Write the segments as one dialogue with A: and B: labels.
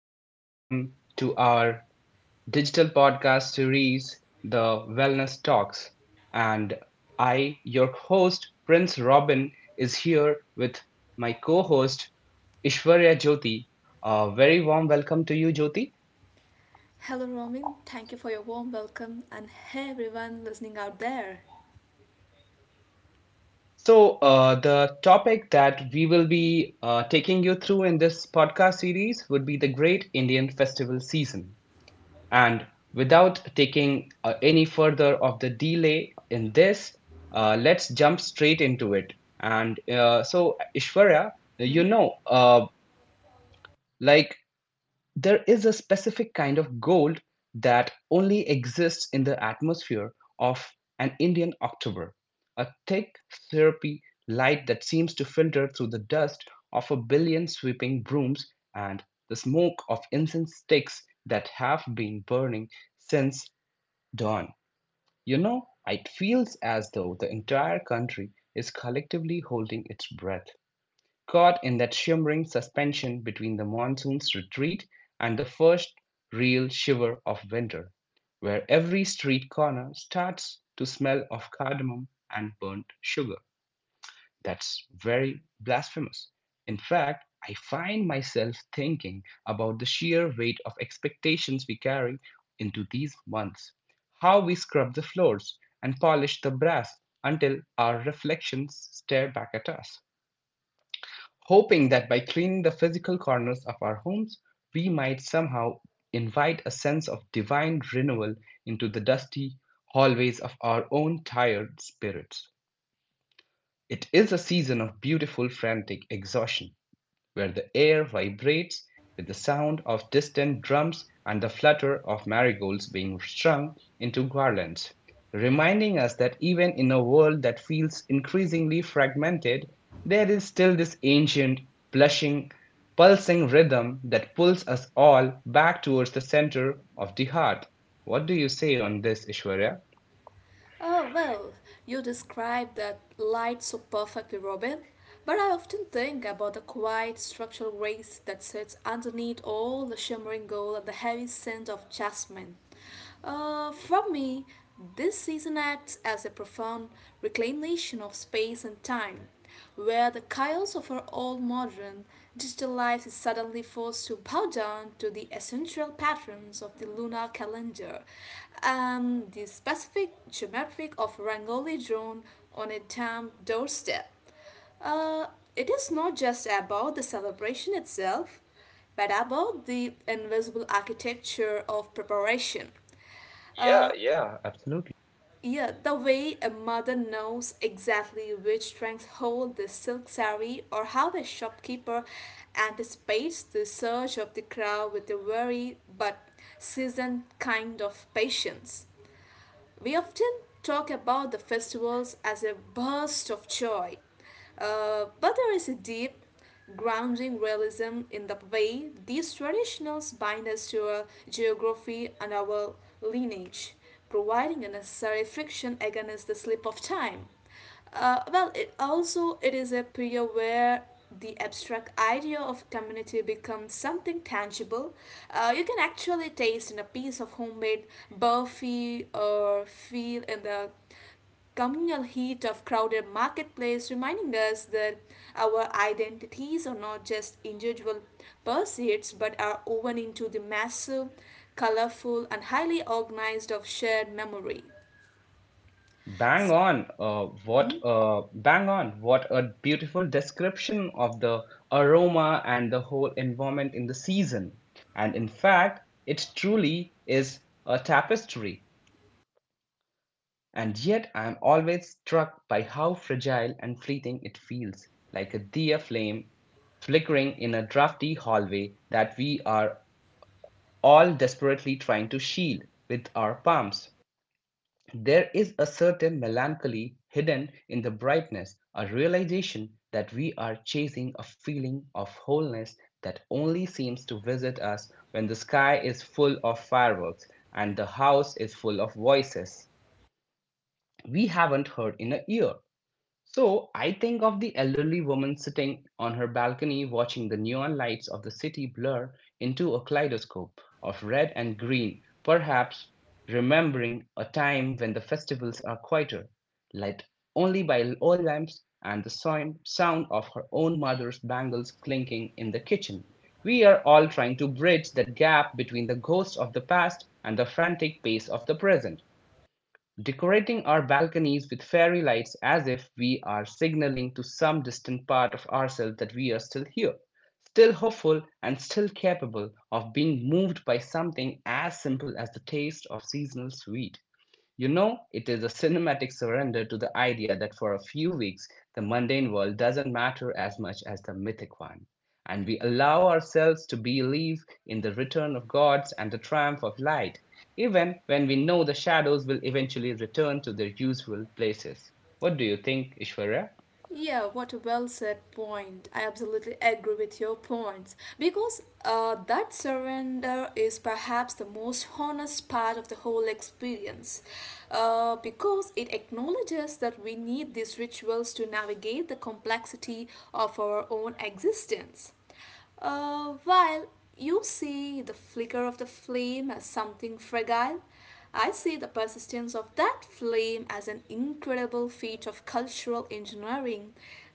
A: warm welcome to our digital podcast series, The Wellness Talks. And I, your host, Prince Robin, is here with my co host, Ishwarya Jyoti. A very warm welcome to you, Jyoti.
B: Hello, Romin. Thank you for your warm welcome, and hey, everyone listening out there.
A: So, the topic that we will be taking you through in this podcast series would be the Great Indian Festival Season. And without taking any further of the delay in this, let's jump straight into it. And so, Ishwarya,
B: Hmm?
A: you know, uh, like there is a specific kind of gold that only exists in the atmosphere of an Indian October, a thick, syrupy light that seems to filter through the dust of a billion sweeping brooms and the smoke of incense sticks that have been burning since Don. It feels as though the entire country is collectively holding its breath, caught in that shimmering suspension between the monsoon's retreat and the first real shiver of winter, where every street corner starts to smell of cardamom and burnt sugar. That's very blasphemous. In fact, I find myself thinking about the sheer weight of expectations we carry into these months, how we scrub the floors and polish the brass until our reflections stare back at us, hoping that by cleaning the physical corners of our homes, we might somehow invite a sense of divine renewal into the dusty hallways of our own tired spirits. It is a season of beautiful frantic exhaustion, where the air vibrates with the sound of distant drums and the flutter of marigolds being strung into garlands, reminding us that even in a world that feels increasingly fragmented, there is still this ancient, blushing, pulsing rhythm that pulls us all back towards the center of the heart. What do you say on this, Ishwarya?
B: Oh, well, you described that light so perfectly, Robin. But I often think about the quiet structural grace that sits underneath all the shimmering gold and the heavy scent of jasmine. For me, this season acts as a profound reclamation of space and time, where the chaos of our all modern, digital life is suddenly forced to bow down to the essential patterns of the lunar calendar and the specific geometric of Rangoli drawn on a damp doorstep. Uh, it is not just about the celebration itself, but about the invisible architecture of preparation. Uh,
A: Yeah, yeah, absolutely.
B: yeah, the way a mother knows exactly which strings hold the silk sari, or how a shopkeeper anticipates the surge of the crowd with a wary but seasoned kind of patience. We often talk about the festivals as a burst of joy, but there is a deep, grounding realism in the way these traditions bind us to our geography and our lineage, providing a necessary friction against the slip of time. It also it is a period where the abstract idea of community becomes something tangible. You can actually taste in a piece of homemade burfi or feel in the communal heat of crowded marketplace, reminding us that our identities are not just individual pursuits but are woven into the massive, colorful, and highly organized of shared memory.
A: Bang
B: So,
A: on, uh, what uh, bang on, what a beautiful description of the aroma and the whole environment in the season. And in fact, it truly is a tapestry. And yet I am always struck by how fragile and fleeting it feels, like a dear flame flickering in a drafty hallway that we are all desperately trying to shield with our palms. There is a certain melancholy hidden in the brightness, a realization that we are chasing a feeling of wholeness that only seems to visit us when the sky is full of fireworks and the house is full of voices we haven't heard in a year. So I think of the elderly woman sitting on her balcony watching the neon lights of the city blur into a kaleidoscope of red and green, perhaps remembering a time when the festivals are quieter, lit only by oil lamps and the sound of her own mother's bangles clinking in the kitchen. We are all trying to bridge that gap between the ghosts of the past and the frantic pace of the present decorating our balconies with fairy lights as if we are signaling to some distant part of ourselves that we are still here, still hopeful, and still capable of being moved by something as simple as the taste of seasonal sweet. You know, it is a cinematic surrender to the idea that for a few weeks the mundane world doesn't matter as much as the mythic one. And we allow ourselves to believe in the return of gods and the triumph of light, even when we know the shadows will eventually return to their usual places. What do you think, Ishwarya?
B: yeah, what a well said point. I absolutely agree with your points because that surrender is perhaps the most honest part of the whole experience because it acknowledges that we need these rituals to navigate the complexity of our own existence. While you see the flicker of the flame as something fragile, I see the persistence of that flame as an incredible feat of cultural engineering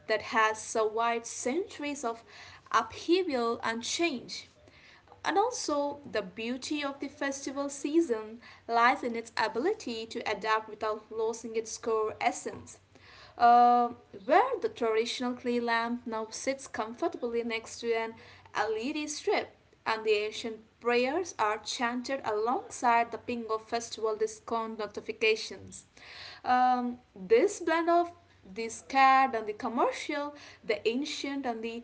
B: that has survived centuries of upheaval and change. And also, the beauty of the festival season lies in its ability to adapt without losing its core essence. Uh, where the traditional clay lamp now sits comfortably next to an LED strip, and the ancient prayers are chanted alongside the ping of festival discount notifications. This blend of the scared and the commercial, the ancient and the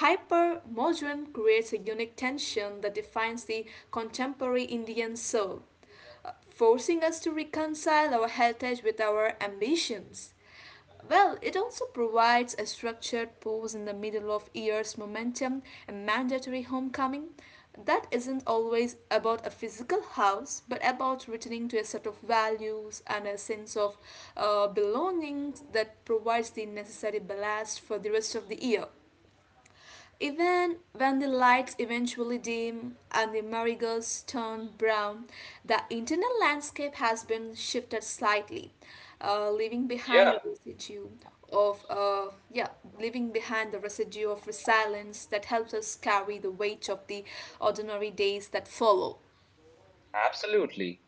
B: Hypermodern creates a unique tension that defines the contemporary Indian soul, forcing us to reconcile our heritage with our ambitions. Well, it also provides a structured pause in the middle of year's momentum and mandatory homecoming that isn't always about a physical house but about returning to a set of values and a sense of belonging that provides the necessary ballast for the rest of the year. Even when the lights eventually dim and the marigolds turn brown, the internal landscape has been shifted slightly, leaving
A: Yeah,
B: behind a residue of uh, yeah, leaving behind the residue of resilience that helps us carry the weight of the ordinary days that follow.
A: absolutely.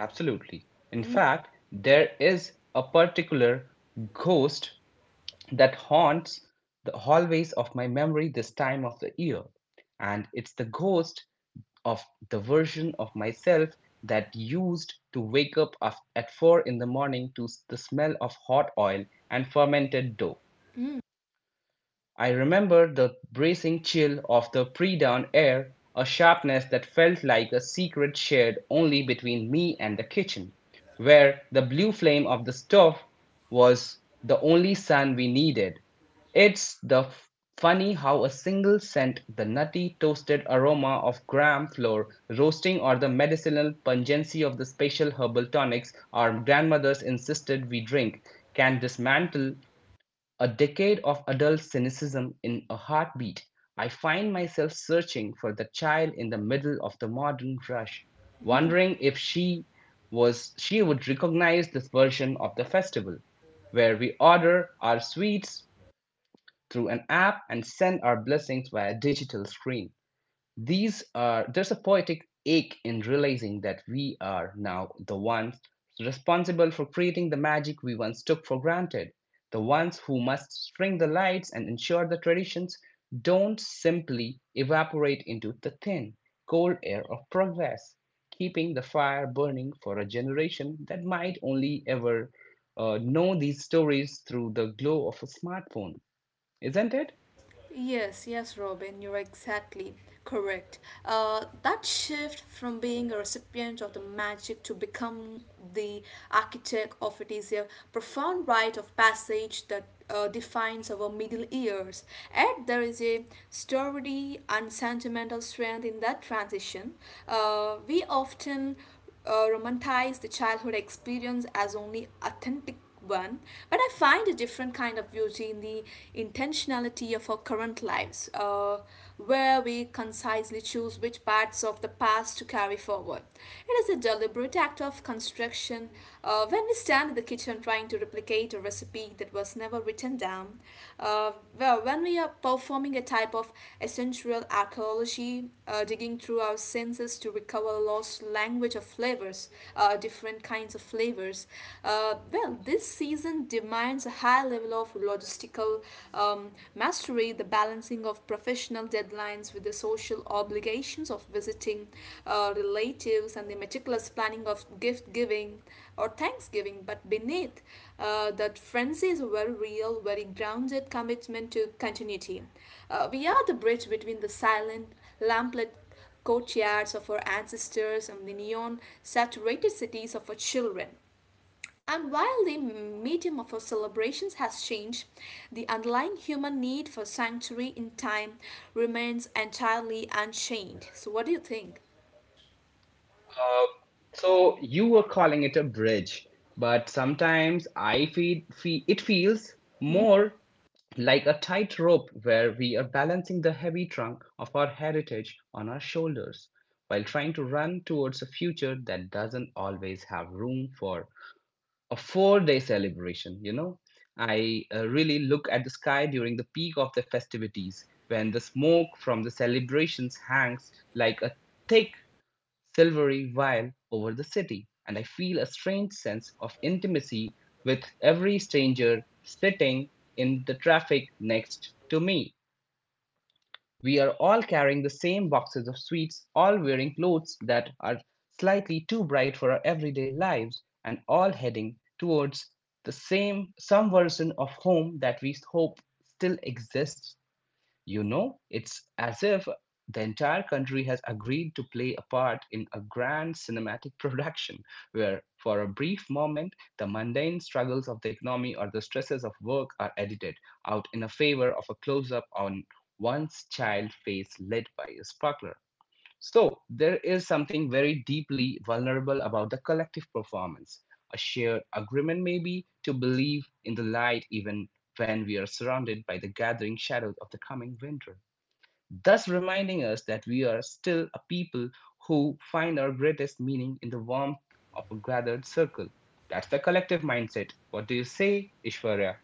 A: Absolutely. In fact, there is a particular ghost that haunts the hallways of my memory this time of the year. And it's the ghost of the version of myself that used to wake up at 4 in the morning to the smell of hot oil and fermented dough.
B: Hmm.
A: I remember the bracing chill of the pre dawn air, a sharpness that felt like a secret shared only between me and the kitchen, where the blue flame of the stove was the only sun we needed. It's the funny how a single scent, the nutty toasted aroma of gram flour roasting or the medicinal pungency of the special herbal tonics our grandmothers insisted we drink, can dismantle a decade of adult cynicism in a heartbeat. I find myself searching for the child in the middle of the modern rush, wondering if she would recognize this version of the festival, where we order our sweets through an app and send our blessings via digital screen. These are there's a poetic ache in realizing that we are now the ones responsible for creating the magic we once took for granted, the ones who must string the lights and ensure the traditions don't simply evaporate into the thin, cold air of progress, keeping the fire burning for a generation that might only ever know these stories through the glow of a smartphone, isn't it?
B: Yes, yes, Robin, you're exactly correct. That shift from being a recipient of the magic to become the architect of it is a profound rite of passage that defines our middle years. And there is a sturdy and sentimental strength in that transition. We often romanticize the childhood experience as only authentic one, but I find a different kind of beauty in the intentionality of our current lives, where we concisely choose which parts of the past to carry forward. It is a deliberate act of construction when we stand in the kitchen trying to replicate a recipe that was never written down. Uh, well, when we are performing a type of essential archaeology, digging through our senses to recover lost language of flavors, different kinds of flavors. Well, this season demands a high level of logistical mastery, the balancing of professional deadlines with the social obligations of visiting relatives, and the meticulous planning of gift giving or Thanksgiving. But beneath that frenzy is a very real, very grounded commitment to continuity. We are the bridge between the silent, lamplit courtyards of our ancestors and the neon saturated cities of our children. And while the medium of our celebrations has changed, the underlying human need for sanctuary in time remains entirely unchanged. So, what do you think?
A: Uh, so you were calling it a bridge, but sometimes I feel it feels more like a tightrope where we are balancing the heavy trunk of our heritage on our shoulders while trying to run towards a future that doesn't always have room for a 4-day celebration, you know? I really look at the sky during the peak of the festivities when the smoke from the celebrations hangs like a thick silvery veil over the city, and I feel a strange sense of intimacy with every stranger sitting in the traffic next to me. We are all carrying the same boxes of sweets, all wearing clothes that are slightly too bright for our everyday lives, and all heading towards the same some version of home that we hope still exists. It's as if the entire country has agreed to play a part in a grand cinematic production where, for a brief moment, the mundane struggles of the economy or the stresses of work are edited out in a favor of a close up on one's child face led by a sparkler. So, there is something very deeply vulnerable about the collective performance, a shared agreement, maybe, to believe in the light even when we are surrounded by the gathering shadows of the coming winter, thus reminding us that we are still a people who find our greatest meaning in the warmth of a gathered circle. That's the collective mindset. What do you say, Ishwarya?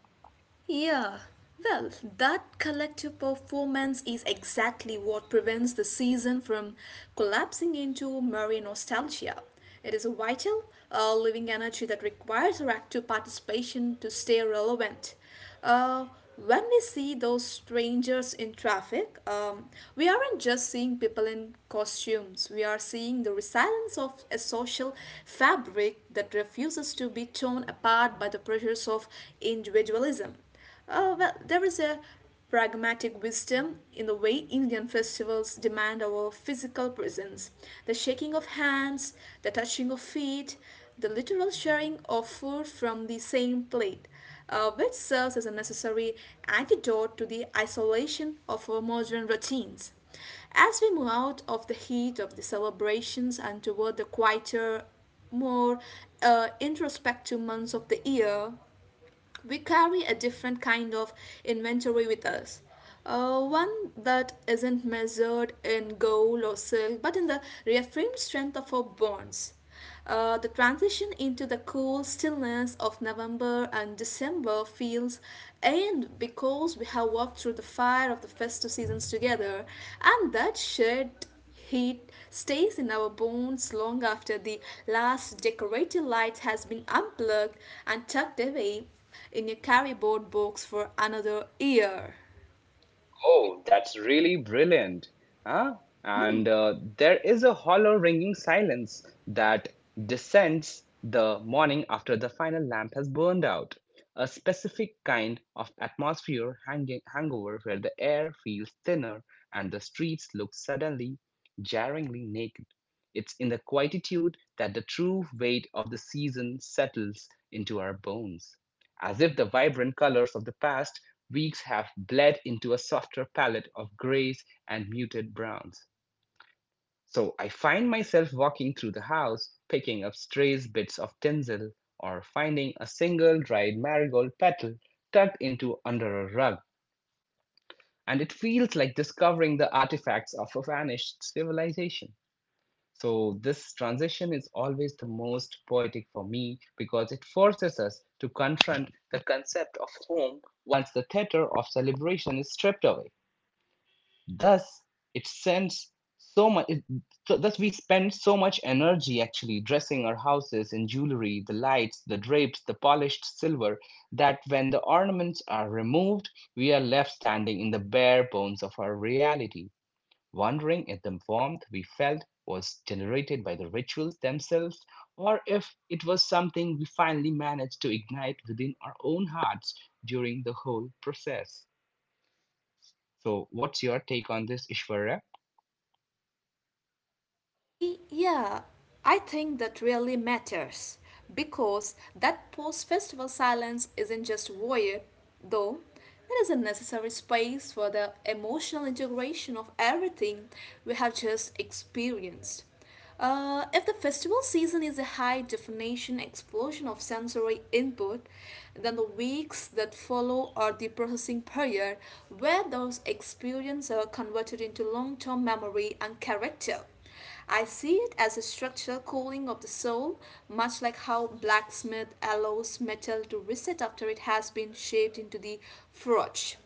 B: Yeah, well, that collective performance is exactly what prevents the season from collapsing into merry nostalgia. It is a vital, living energy that requires our active participation to stay relevant. Uh, when we see those strangers in traffic, we aren't just seeing people in costumes, we are seeing the resilience of a social fabric that refuses to be torn apart by the pressures of individualism. Well, there is a pragmatic wisdom in the way Indian festivals demand our physical presence. The shaking of hands, the touching of feet, the literal sharing of food from the same plate which serves as a necessary antidote to the isolation of our modern routines. As we move out of the heat of the celebrations and toward the quieter, more introspective months of the year, we carry a different kind of inventory with us. One that isn't measured in gold or silk, but in the reaffirmed strength of our bonds. The transition into the cool stillness of November and December feels, and because we have walked through the fire of the festive seasons together, and that shared Heat stays in our bones long after the last decorative light has been unplugged and tucked away in a carryboard box for another year.
A: Oh, that's really brilliant. Huh? And there is a hollow ringing silence that descends the morning after the final lamp has burned out. A specific kind of atmosphere hangover where the air feels thinner and the streets look suddenly, jarringly naked. It's in the quietude that the true weight of the season settles into our bones, as if the vibrant colors of the past weeks have bled into a softer palette of grays and muted browns. So I find myself walking through the house, picking up stray bits of tinsel or finding a single dried marigold petal tucked into under a rug. And it feels like discovering the artifacts of a vanished civilization. So, this transition is always the most poetic for me because it forces us to confront the concept of home once the theater of celebration is stripped away. Thus, it sends so much. So thus, we spend so much energy actually dressing our houses in jewelry, the lights, the drapes, the polished silver, that when the ornaments are removed, we are left standing in the bare bones of our reality, wondering if the warmth we felt was generated by the rituals themselves, or if it was something we finally managed to ignite within our own hearts during the whole process. So, what's your take on this, Ishwarya?
B: Yeah, I think that really matters because that post festival silence isn't just void, though, it is a necessary space for the emotional integration of everything we have just experienced. If the festival season is a high definition explosion of sensory input, then the weeks that follow are the processing period where those experiences are converted into long term memory and character. I see it as a structural cooling of the soul, much like how blacksmith allows metal to reset after it has been shaped into the forge.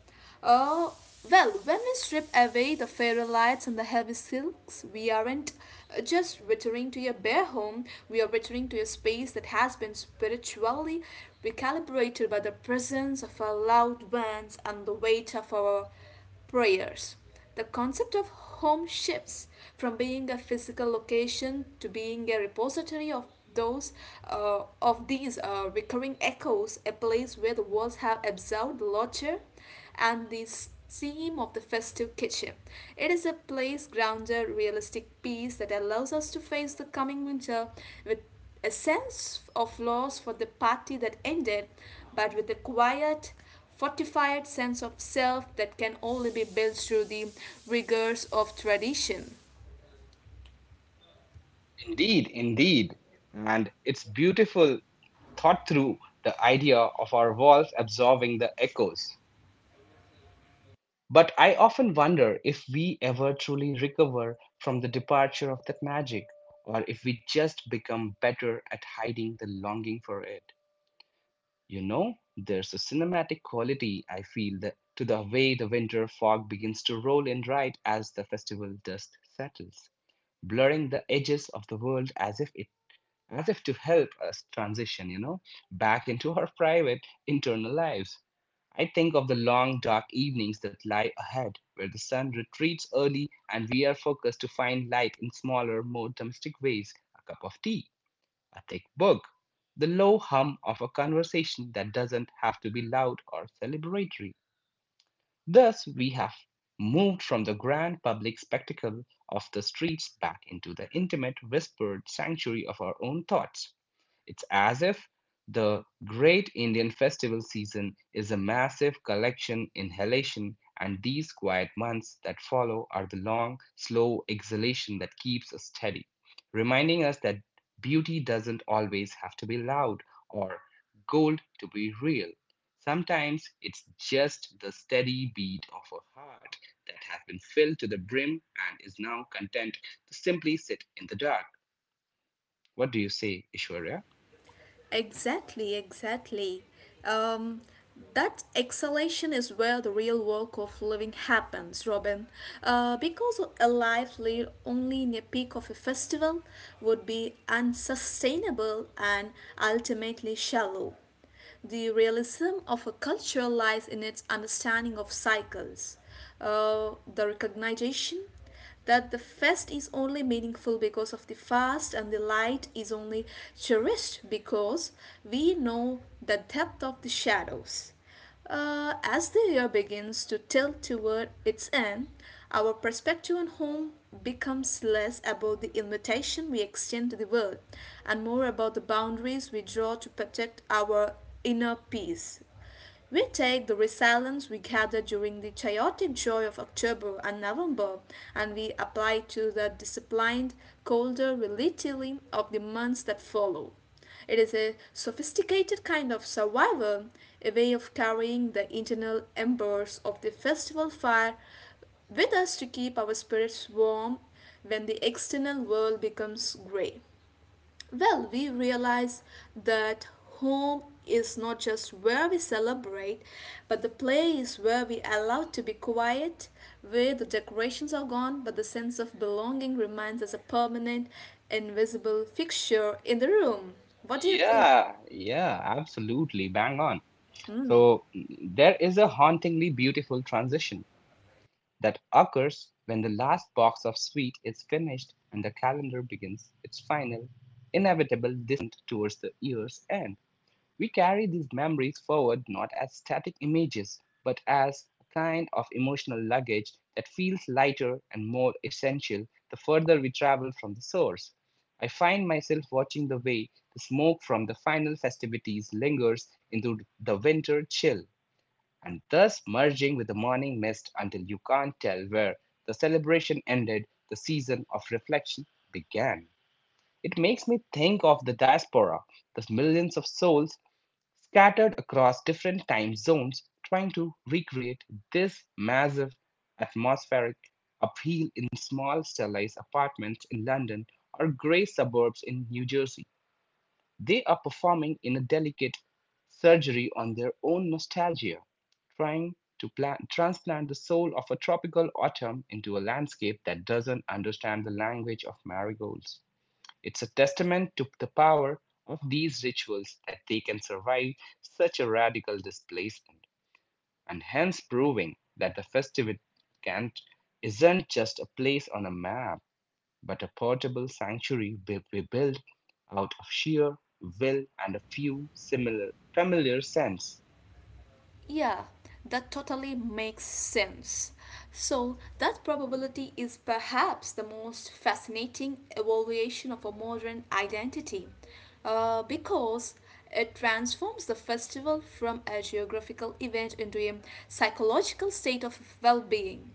B: Uh, well, when we strip away the fairy lights and the heavy silks, we aren't just returning to your bare home, we are returning to a space that has been spiritually recalibrated by the presence of our loved ones and the weight of our prayers. The concept of home shifts from being a physical location to being a repository of those of these recurring echoes, a place where the walls have absorbed laughter, and the theme of the festive kitchen. It is a place grounded, realistic peace that allows us to face the coming winter with a sense of loss for the party that ended, but with a quiet fortified sense of self that can only be built through the rigors of tradition.
A: Indeed, indeed. And it's beautiful thought through the idea of our walls absorbing the echoes. But I often wonder if we ever truly recover from the departure of that magic, or if we just become better at hiding the longing for it. You know, there's a cinematic quality, I feel, that, to the way the winter fog begins to roll in right as the festival dust settles, blurring the edges of the world as if to help us transition, you know, back into our private, internal lives. I think of the long, dark evenings that lie ahead, where the sun retreats early and we are focused to find light in smaller, more domestic ways a cup of tea, a thick book, the low hum of a conversation that doesn't have to be loud or celebratory. Thus, we have moved from the grand public spectacle of the streets back into the intimate, whispered sanctuary of our own thoughts. It's as if the great Indian festival season is a massive collection inhalation, and these quiet months that follow are the long, slow exhalation that keeps us steady, reminding us that beauty doesn't always have to be loud or gold to be real. Sometimes it's just the steady beat of a heart that has been filled to the brim and is now content to simply sit in the dark. What do you say, Ishwarya?
B: Exactly, exactly. Um, that exhalation is where the real work of living happens, Robin. Because a life lived only in a peak of a festival would be unsustainable and ultimately shallow. The realism of a culture lies in its understanding of cycles, the recognition that the fest is only meaningful because of the fast and the light is only cherished because we know the depth of the shadows. As the year begins to tilt toward its end, our perspective on home becomes less about the invitation we extend to the world and more about the boundaries we draw to protect our inner peace. We take the resilience we gather during the chaotic joy of October and November and we apply to the disciplined, colder relatively of the months that follow. It is a sophisticated kind of survival, a way of carrying the internal embers of the festival fire with us to keep our spirits warm when the external world becomes grey. Well, we realize that home is not just where we celebrate, but the place where we allow to be quiet, where the decorations are gone, but the sense of belonging remains as a permanent, invisible fixture in the room. What do you think?
A: Yeah, yeah, absolutely. Bang on. So there is a hauntingly beautiful transition that occurs when the last box of sweet is finished and the calendar begins its final, inevitable descent towards the year's end. We carry these memories forward not as static images, but as a kind of emotional luggage that feels lighter and more essential the further we travel from the source. I find myself watching the way the smoke from the final festivities lingers into the winter chill, and thus merging with the morning mist until you can't tell where the celebration ended, the season of reflection began. It makes me think of the diaspora, the millions of souls scattered across different time zones trying to recreate this massive atmospheric appeal in small stylized apartments in London or grey suburbs in New Jersey. They are performing in a delicate surgery on their own nostalgia, trying transplant the soul of a tropical autumn into a landscape that doesn't understand the language of marigolds. It's a testament to the power of these rituals that they can survive such a radical displacement, and hence proving that the festive Kant isn't just a place on a map, but a portable sanctuary we build out of sheer will and a few similar familiar sense.
B: Yeah, that totally makes sense. So, that probability is perhaps the most fascinating evaluation of a modern identity because it transforms the festival from a geographical event into a psychological state of well being.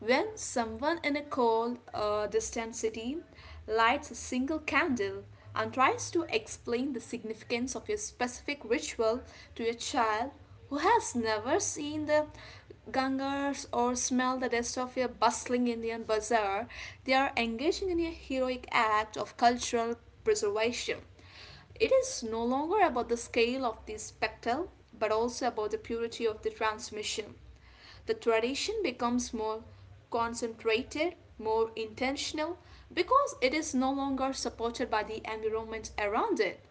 B: When someone in a cold, distant city lights a single candle and tries to explain the significance of a specific ritual to a child who has never seen the gangars or smelled the dust of a bustling Indian bazaar, they are engaging in a heroic act of cultural preservation. It is no longer about the scale of the spectacle, but also about the purity of the transmission the tradition becomes more concentrated, more intentional, because it is no longer supported by the environment around it.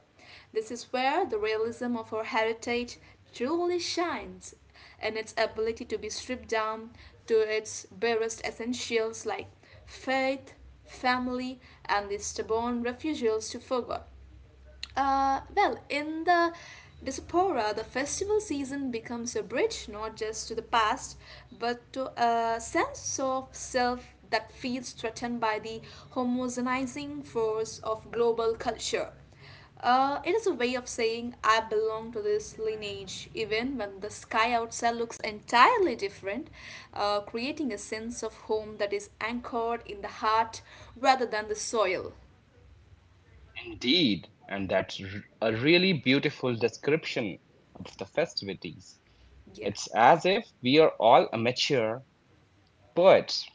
B: This is where the realism of our heritage truly shines in its ability to be stripped down to its barest essentials like faith, family, and the stubborn refusals to forget. In the diaspora, the festival season becomes a bridge not just to the past, but to a sense of self that feels threatened by the homogenizing force of global culture. It is a way of saying I belong to this lineage, even when the sky outside looks entirely different, creating a sense of home that is anchored in the heart rather than the soil.
A: Indeed, and a really beautiful description of the festivities.
B: Yeah.
A: It's as if we are all amateur Poets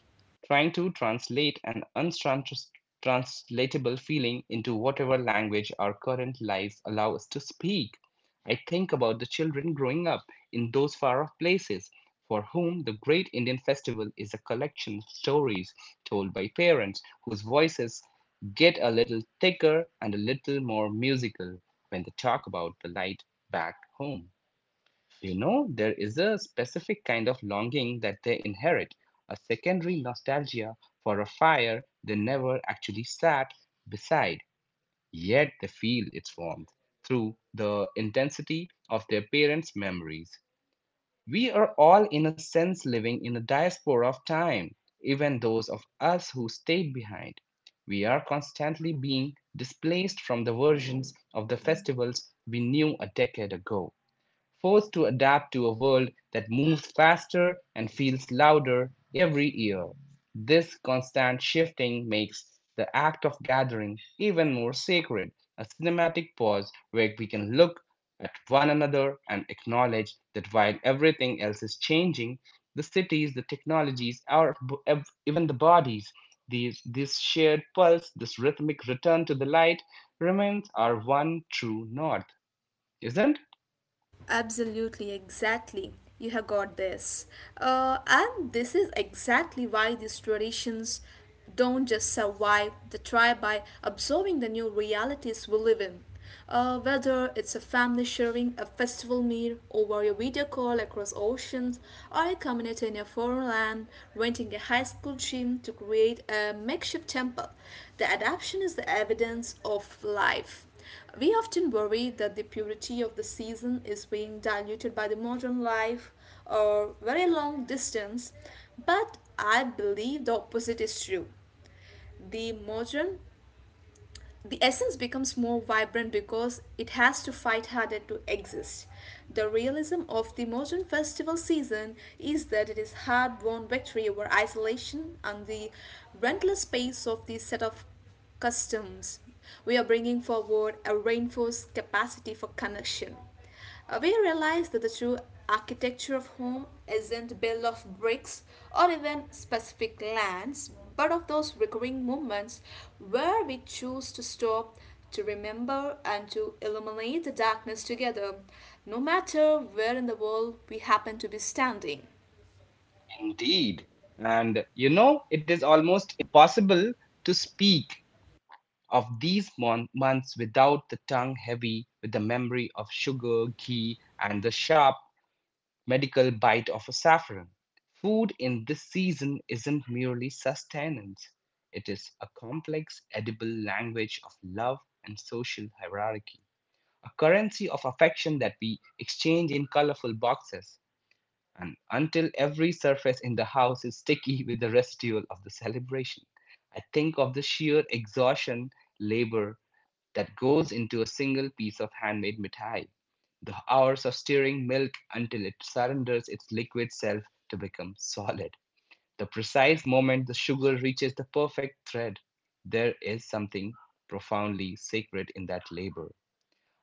A: trying to translate an untranslatable feeling into whatever language our current lives allow us to speak. I think about the children growing up in those far off places, for whom the Great Indian Festival is a collection of stories told by parents whose voices get a little thicker and a little more musical when they talk about the light back home. You know, there is a specific kind of longing that they inherit, a secondary nostalgia for a fire they never actually sat beside, yet they feel its warmth through the intensity of their parents' memories. We are all, in a sense, living in a diaspora of time, even those of us who stayed behind. We are constantly being displaced from the versions of the festivals we knew a decade ago, forced to adapt to a world that moves faster and feels louder every year. This constant shifting makes the act of gathering even more sacred, a cinematic pause where we can look at one another and acknowledge that while everything else is changing, the cities, the technologies, even the bodies, this shared pulse, this rhythmic return to the light remains our one true north, isn't?
B: Absolutely, exactly. You have got this. And this is exactly why these traditions don't just survive the tribe by absorbing the new realities we live in. Whether it's a family sharing a festival meal over a video call across oceans, or a community in a foreign land renting a high school gym to create a makeshift temple, the adaptation is the evidence of life. We often worry that the purity of the season is being diluted by the modern life or very long distance, but I believe the opposite is true. The modern the essence becomes more vibrant because it has to fight harder to exist. The realism of the modern festival season is that it is hard won victory over isolation and the relentless pace of the set of customs. We are bringing forward a reinforced capacity for connection. We realize that the true architecture of home isn't built of bricks or even specific lands, but of those recurring moments where we choose to stop, to remember, and to illuminate the darkness together, no matter where in the world we happen to be standing.
A: Indeed. And you know, it is almost impossible to speak of months without the tongue heavy with the memory of sugar, ghee, and the sharp medical bite of a saffron. Food in this season isn't merely sustenance, it is a complex, edible language of love and social hierarchy, a currency of affection that we exchange in colorful boxes and until every surface in the house is sticky with the residual of the celebration. I think of the sheer exhaustion, labor that goes into a single piece of handmade mithai, the hours of stirring milk until it surrenders its liquid self to become solid. The precise moment the sugar reaches the perfect thread, there is something profoundly sacred in that labor,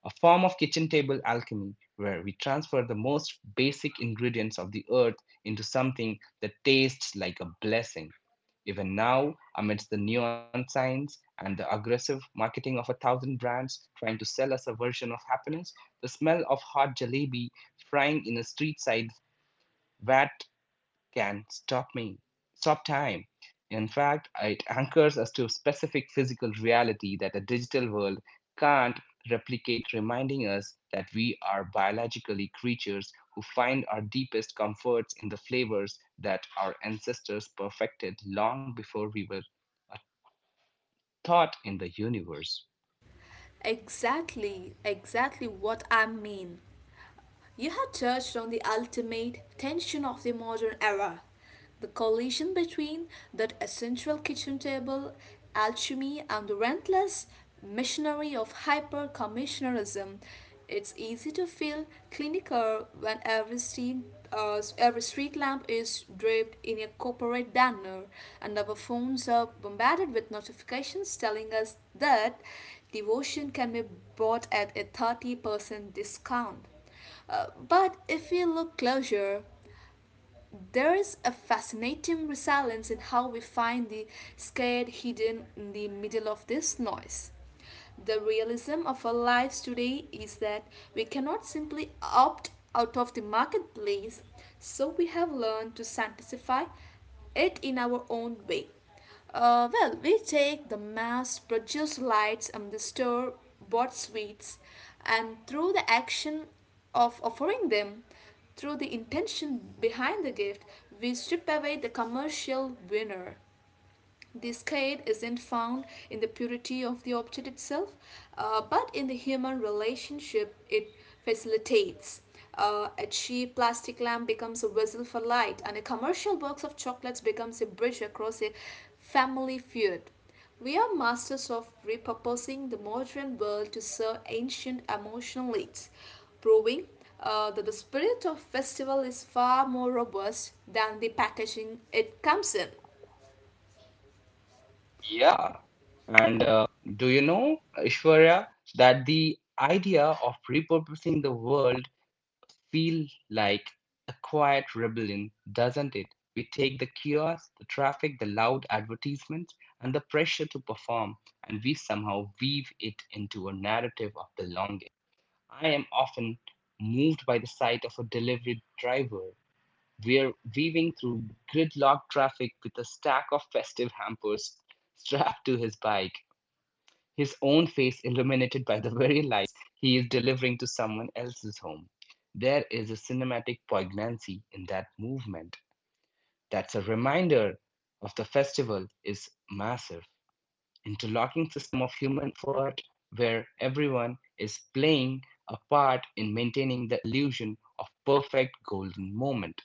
A: a form of kitchen table alchemy where we transfer the most basic ingredients of the earth into something that tastes like a blessing. Even now, amidst the neon signs and the aggressive marketing of a thousand brands trying to sell us a version of happiness, the smell of hot jalebi frying in a street side vat can stop me, stop time. In fact, it anchors us to specific physical reality that a digital world can't replicate, reminding us that we are biologically creatures who find our deepest comforts in the flavors that our ancestors perfected long before we were a thought in the universe.
B: Exactly, exactly what I mean. You have touched on the ultimate tension of the modern era the collision between that essential kitchen table alchemy and the relentless machinery of hyper commissionerism. It's easy to feel clinical when every every street lamp is draped in a corporate banner and our phones are bombarded with notifications telling us that devotion can be bought at a 30% discount. But if we look closer, there is a fascinating resilience in how we find the scared hidden in the middle of this noise. The realism of our lives today is that we cannot simply opt out of the marketplace, so we have learned to sanctify it in our own way. We take the mass produced lights and the store bought sweets, and through the action of offering them, through the intention behind the gift, we strip away the commercial winner this kind isn't found in the purity of the object itself, but in the human relationship it facilitates. A cheap plastic lamp becomes a vessel for light, and a commercial box of chocolates becomes a bridge across a family feud. We are masters of repurposing the modern world to serve ancient emotional needs, proving that the spirit of festival is far more robust than the packaging it comes in.
A: Yeah, and do you know, Ishwarya, that the idea of repurposing the world feel like a quiet rebellion, doesn't it? We take the chaos, the traffic, the loud advertisements, and the pressure to perform, and we somehow weave it into a narrative of belonging. I am often moved by the sight of a delivery driver. We're weaving through gridlock traffic with a stack of festive hampers strapped to his bike, his own face illuminated by the very light he is delivering to someone else's home. There is a cinematic poignancy in that movement, that's a reminder of the festival is massive interlocking system of human effort where everyone is playing a part in maintaining the illusion of perfect golden moment.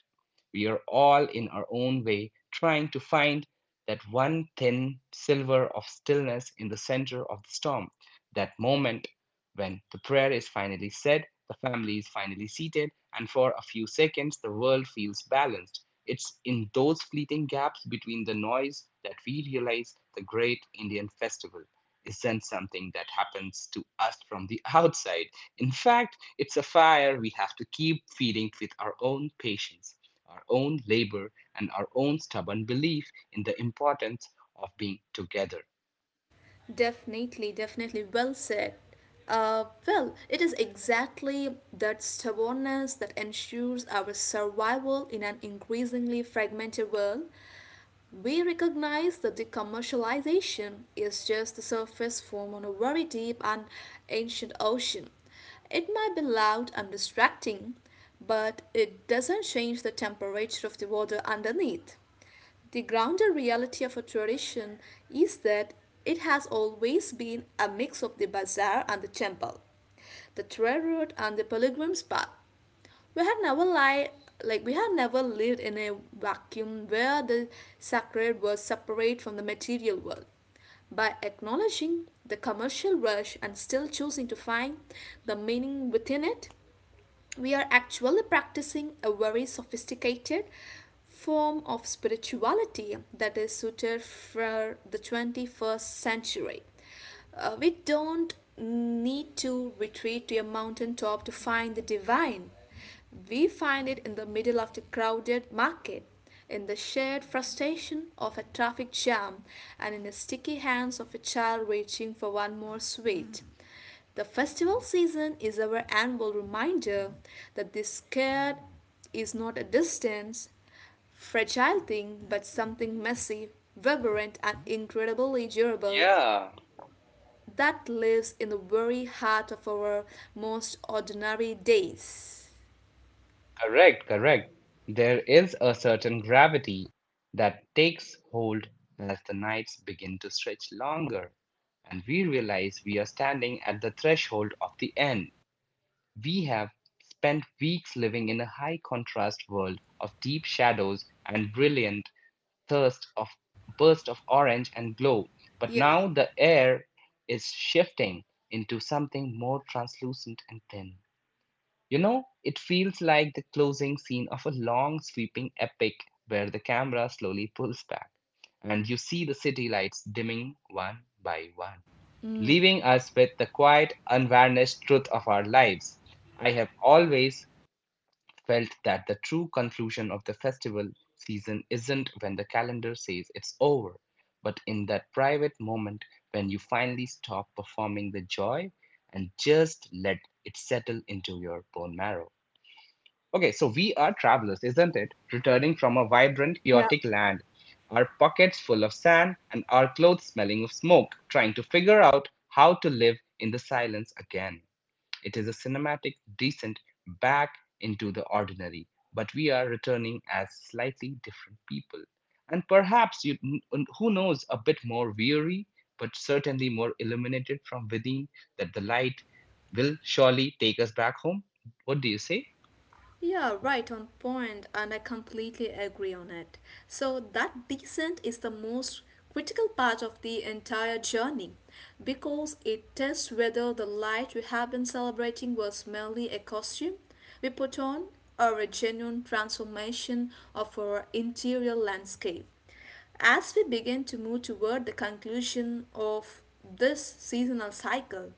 A: We are all in our own way trying to find that one thin silver of stillness in the center of the storm, that moment when the prayer is finally said, the family is finally seated, and for a few seconds the world feels balanced. It's in those fleeting gaps between the noise that we realize the great Indian festival isn't something that happens to us from the outside. In fact, it's a fire we have to keep feeding with our own patience, our own labor, and our own stubborn belief in the importance of being together.
B: Definitely, definitely. Well said. It is exactly that stubbornness that ensures our survival in an increasingly fragmented world. We recognize that the commercialization is just the surface form on a very deep and ancient ocean. It might be loud and distracting, but it doesn't change the temperature of the water underneath. The grounded reality of a tradition is that it has always been a mix of the bazaar and the temple, the trade route and the pilgrim's path. We had never li- like we had never lived in a vacuum where the sacred was separate from the material world. By acknowledging the commercial rush and still choosing to find the meaning within it, we are actually practicing a very sophisticated form of spirituality that is suited for the 21st century. We don't need to retreat to a mountaintop to find the divine. We find it in the middle of the crowded market, in the shared frustration of a traffic jam, and in the sticky hands of a child reaching for one more sweet. Mm. The festival season is our annual reminder that this care is not a distant, fragile thing, but something messy, vibrant, and incredibly durable
A: Yeah.
B: that lives in the very heart of our most ordinary days.
A: Correct, correct. There is a certain gravity that takes hold as the nights begin to stretch longer, and we realize we are standing at the threshold of the end. We have spent weeks living in a high contrast world of deep shadows and brilliant thirst of burst of orange and glow. But
B: Yeah.
A: now the air is shifting into something more translucent and thin. You know, it feels like the closing scene of a long sweeping epic where the camera slowly pulls back and you see the city lights dimming one by one,
B: Mm.
A: leaving us with the quiet, unvarnished truth of our lives. I have always felt that the true conclusion of the festival season isn't when the calendar says it's over, but in that private moment when you finally stop performing the joy and just let it settle into your bone marrow. Okay, so we are travelers, isn't it? Returning from a vibrant, chaotic land. Our pockets full of sand and our clothes smelling of smoke, trying to figure out how to live in the silence again. It is a cinematic descent back into the ordinary, but we are returning as slightly different people. And perhaps, you, who knows, a bit more weary, but certainly more illuminated from within, that the light will surely take us back home. What do you say?
B: Yeah, right on point, and I completely agree on it. So, that descent is the most critical part of the entire journey because it tests whether the light we have been celebrating was merely a costume we put on or a genuine transformation of our interior landscape. As we begin to move toward the conclusion of this seasonal cycle,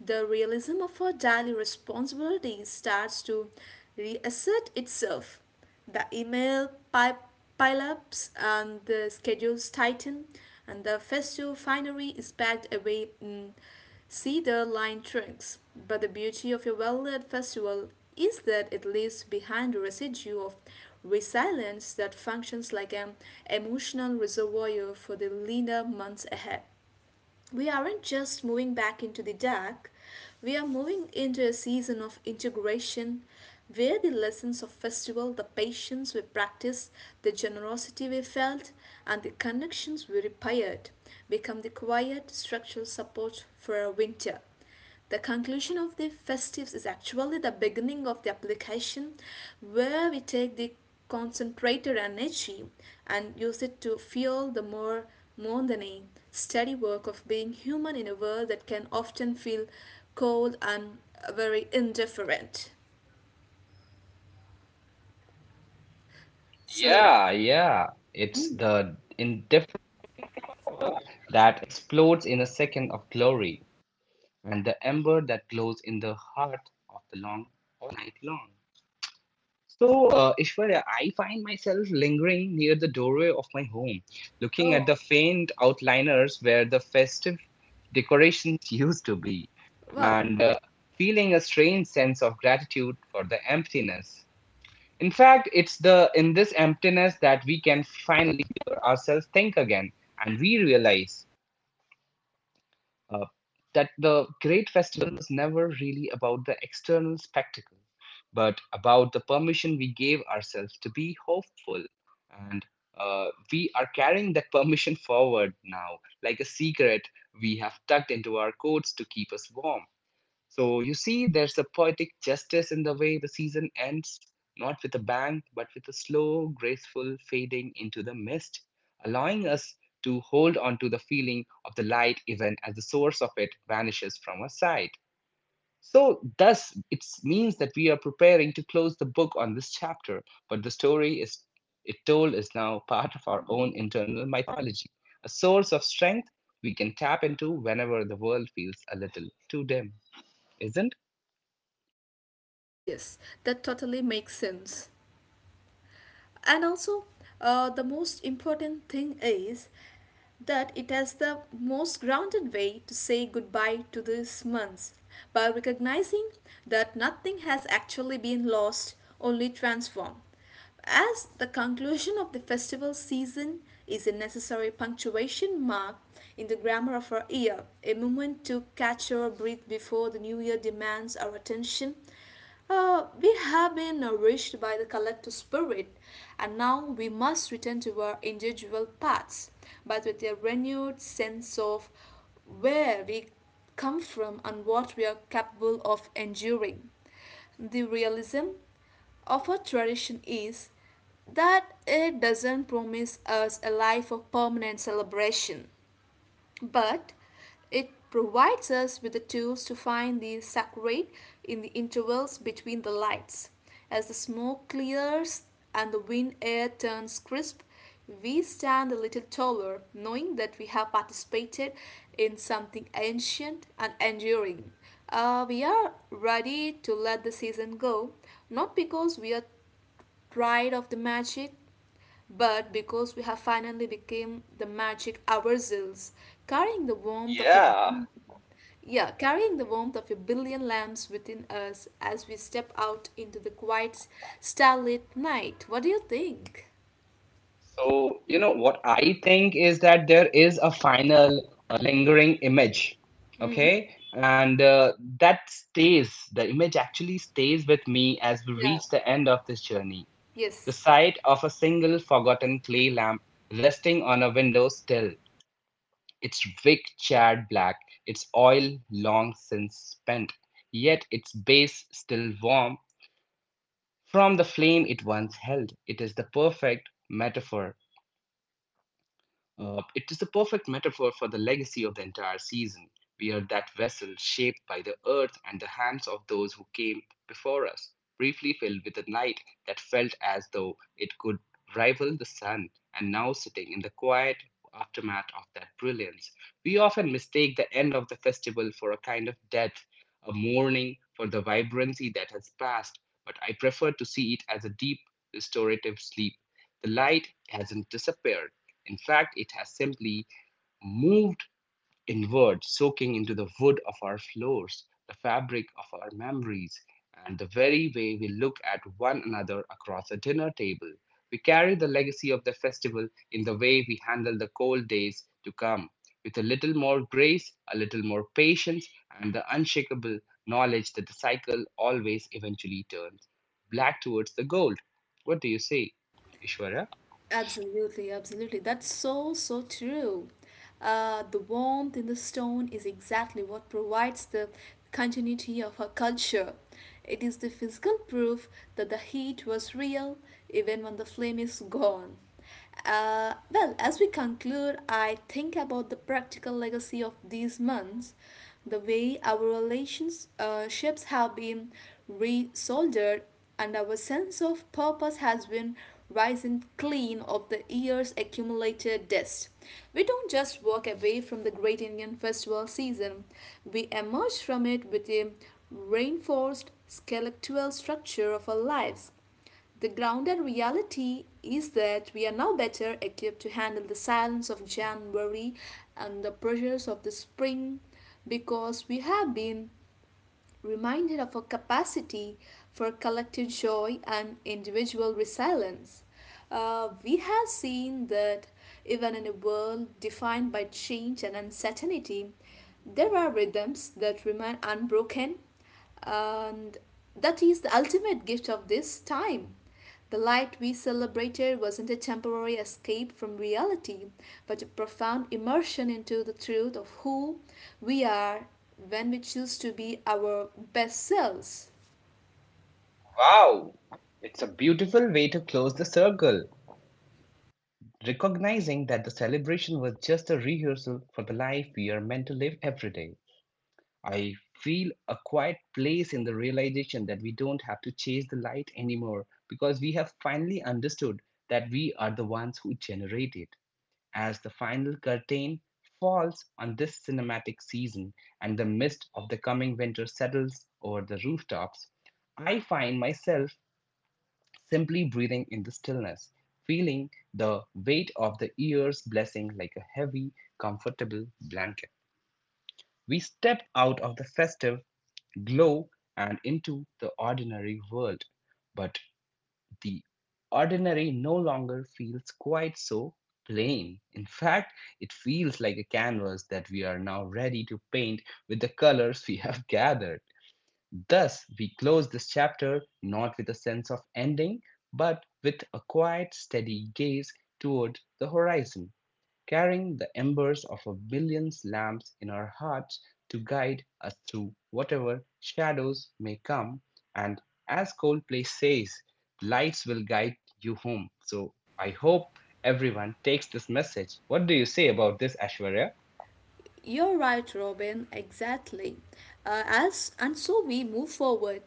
B: the realism of our daily responsibilities starts to reassert itself. The email pileups and the schedules tighten, and the festive finery is packed away. Mm, see the line trunks. But the beauty of a well led festival is that it leaves behind a residue of resilience that functions like an emotional reservoir for the leaner months ahead we aren't just moving back into the dark, we are moving into a season of integration where the lessons of festival, the patience we practiced, the generosity we felt, and the connections we repaired become the quiet structural support for our winter. The conclusion of the festives is actually the beginning of the application where we take the concentrated energy and use it to fuel the more mundane, steady work of being human in a world that can often feel cold and very indifferent. So,
A: Yeah, yeah. It's the indifference that explodes in a second of glory, and the ember that glows in the heart of the long all night long. So, Ishwarya, I find myself lingering near the doorway of my home, looking at
B: oh,
A: the faint outliners where the festive decorations used to be,
B: wow.
A: and feeling a strange sense of gratitude for the emptiness. In fact, it's the in this emptiness that we can finally hear ourselves think again, and we realize uh, that the great festival was never really about the external spectacle, but about the permission we gave ourselves to be hopeful, and uh, we are carrying that permission forward now, like a secret we have tucked into our coats to keep us warm. So you see, there's a poetic justice in the way the season ends, not with a bang, but with a slow, graceful fading into the mist, allowing us to hold on to the feeling of the light even as the source of it vanishes from our sight. So, thus, it means that we are preparing to close the book on this chapter, but the story is it told is now part of our own internal mythology, a source of strength we can tap into whenever the world feels a little too dim, isn't?
B: Yes, yes, that totally makes sense. And also, the most important thing is that it has the most grounded way to say goodbye to these months by recognizing that nothing has actually been lost, only transformed. As the conclusion of the festival season is a necessary punctuation mark in the grammar of our year, a moment to catch our breath before the new year demands our attention, we have been nourished by the collective spirit, and now we must return to our individual paths, but with a renewed sense of where we come from and what we are capable of enduring. The realism of our tradition is that it doesn't promise us a life of permanent celebration, but it provides us with the tools to find the saccharate in the intervals between the lights. As the smoke clears and the wind air turns crisp, we stand a little taller, knowing that we have participated in something ancient and enduring. We are ready to let the season go, not because we are tired of the magic, but because we have finally become the magic ourselves, carrying the warmth of your
A: Yeah.
B: yeah, carrying the warmth of a billion lamps within us as we step out into the quiet starlit night. What do you think?
A: So, you know, what I think is that there is a final lingering image,
B: Mm,
A: okay? And that stays, the image actually stays with me as we
B: yeah,
A: reach the end of this journey. The
B: yes.
A: sight of a single forgotten clay lamp resting on a window sill, its wick charred black, its oil long since spent, yet its base still warm from the flame it once held. It is the perfect metaphor for the legacy of the entire season. We are that vessel shaped by the earth and the hands of those who came before us, briefly filled with a night that felt as though it could rival the sun, and now sitting in the quiet aftermath of that brilliance. We often mistake the end of the festival for a kind of death, a mourning for the vibrancy that has passed, but I prefer to see it as a deep, restorative sleep. The light hasn't disappeared. In fact, it has simply moved inward, soaking into the wood of our floors, the fabric of our memories, and the very way we look at one another across a dinner table. We carry the legacy of the festival in the way we handle the cold days to come, with a little more grace, a little more patience, and the unshakable knowledge that the cycle always eventually turns black towards the gold. What do you say, Ishwarya?
B: Absolutely, absolutely. That's so, so true. The warmth in the stone is exactly what provides the continuity of her culture. It is the physical proof that the heat was real even when the flame is gone. As we conclude, I think about the practical legacy of these months, the way our relationships ships have been re-soldered, and our sense of purpose has been rising clean of the year's accumulated dust. We don't just walk away from the Great Indian Festival season, we emerge from it with a reinforced skeletal structure of our lives. The grounded reality is that we are now better equipped to handle the silence of January and the pressures of the spring because we have been reminded of our capacity for collective joy and individual resilience. We have seen that even in a world defined by change and uncertainty, there are rhythms that remain unbroken and that is the ultimate gift of this time. The light we celebrated wasn't a temporary escape from reality, but a profound immersion into the truth of who we are when we choose to be our best selves.
A: Wow, it's a beautiful way to close the circle. Recognizing that the celebration was just a rehearsal for the life we are meant to live every day, I feel a quiet place in the realization that we don't have to chase the light anymore because we have finally understood that we are the ones who generate it. As the final curtain falls on this cinematic season and the mist of the coming winter settles over the rooftops, I find myself simply breathing in the stillness, feeling the weight of the year's blessing like a heavy, comfortable blanket. We stepped out of the festive glow and into the ordinary world, but the ordinary no longer feels quite so plain. In fact, it feels like a canvas that we are now ready to paint with the colors we have gathered. Thus, we close this chapter not with a sense of ending, but with a quiet, steady gaze toward the horizon, carrying the embers of a million lamps in our hearts to guide us through whatever shadows may come. And as Coldplay says, lights will guide you home. So I hope everyone takes this message. What do you say about this, Ashwarya?
B: You're right, Robin, exactly. As and so we move forward,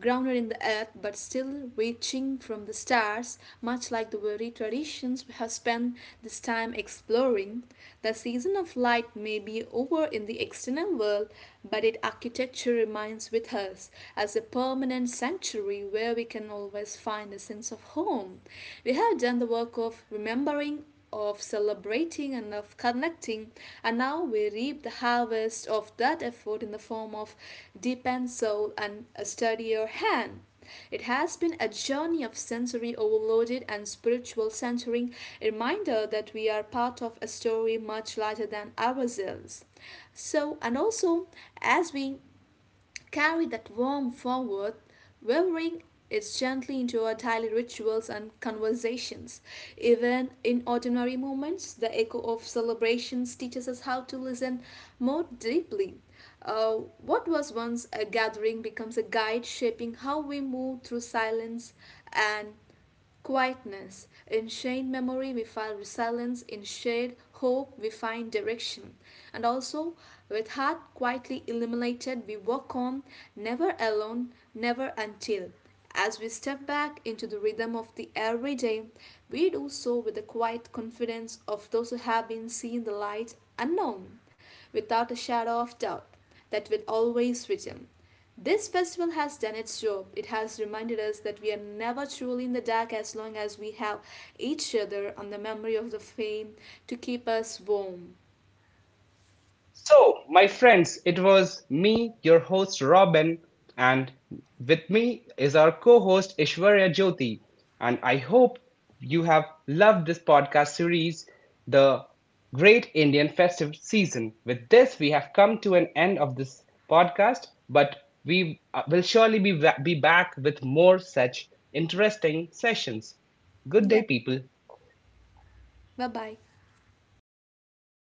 B: grounded in the earth but still reaching from the stars, much like the very traditions we have spent this time exploring. The season of light may be over in the external world, but its architecture remains with us as a permanent sanctuary where we can always find a sense of home. We have done the work of remembering of celebrating and of connecting. And now we reap the harvest of that effort in the form of deep and soul and a steadier hand. It has been a journey of sensory overloaded and spiritual centering, a reminder that we are part of a story much larger than ourselves. So, and also as we carry that worm forward, weaving it gently into our daily rituals and conversations. Even in ordinary moments, the echo of celebrations teaches us how to listen more deeply. Uh, what was once a gathering becomes a guide shaping how we move through silence and quietness. In shade memory, we find resilience. In shade hope, we find direction. And also, with heart quietly illuminated, we walk on, never alone, never until. As we step back into the rhythm of the everyday, we do so with the quiet confidence of those who have been seen the light unknown, without a shadow of doubt, that will always return. This festival has done its job. It has reminded us that we are never truly in the dark as long as we have each other and the memory of the flame to keep us warm.
A: So, my friends, it was me, your host Robin, and with me is our co host Ishwarya Jyoti. And I hope you have loved this podcast series, The Great Indian Festive Season. With this, we have come to an end of this podcast, but we will surely be, be back with more such interesting sessions. Good
B: Yeah,
A: day, people.
B: bye bye.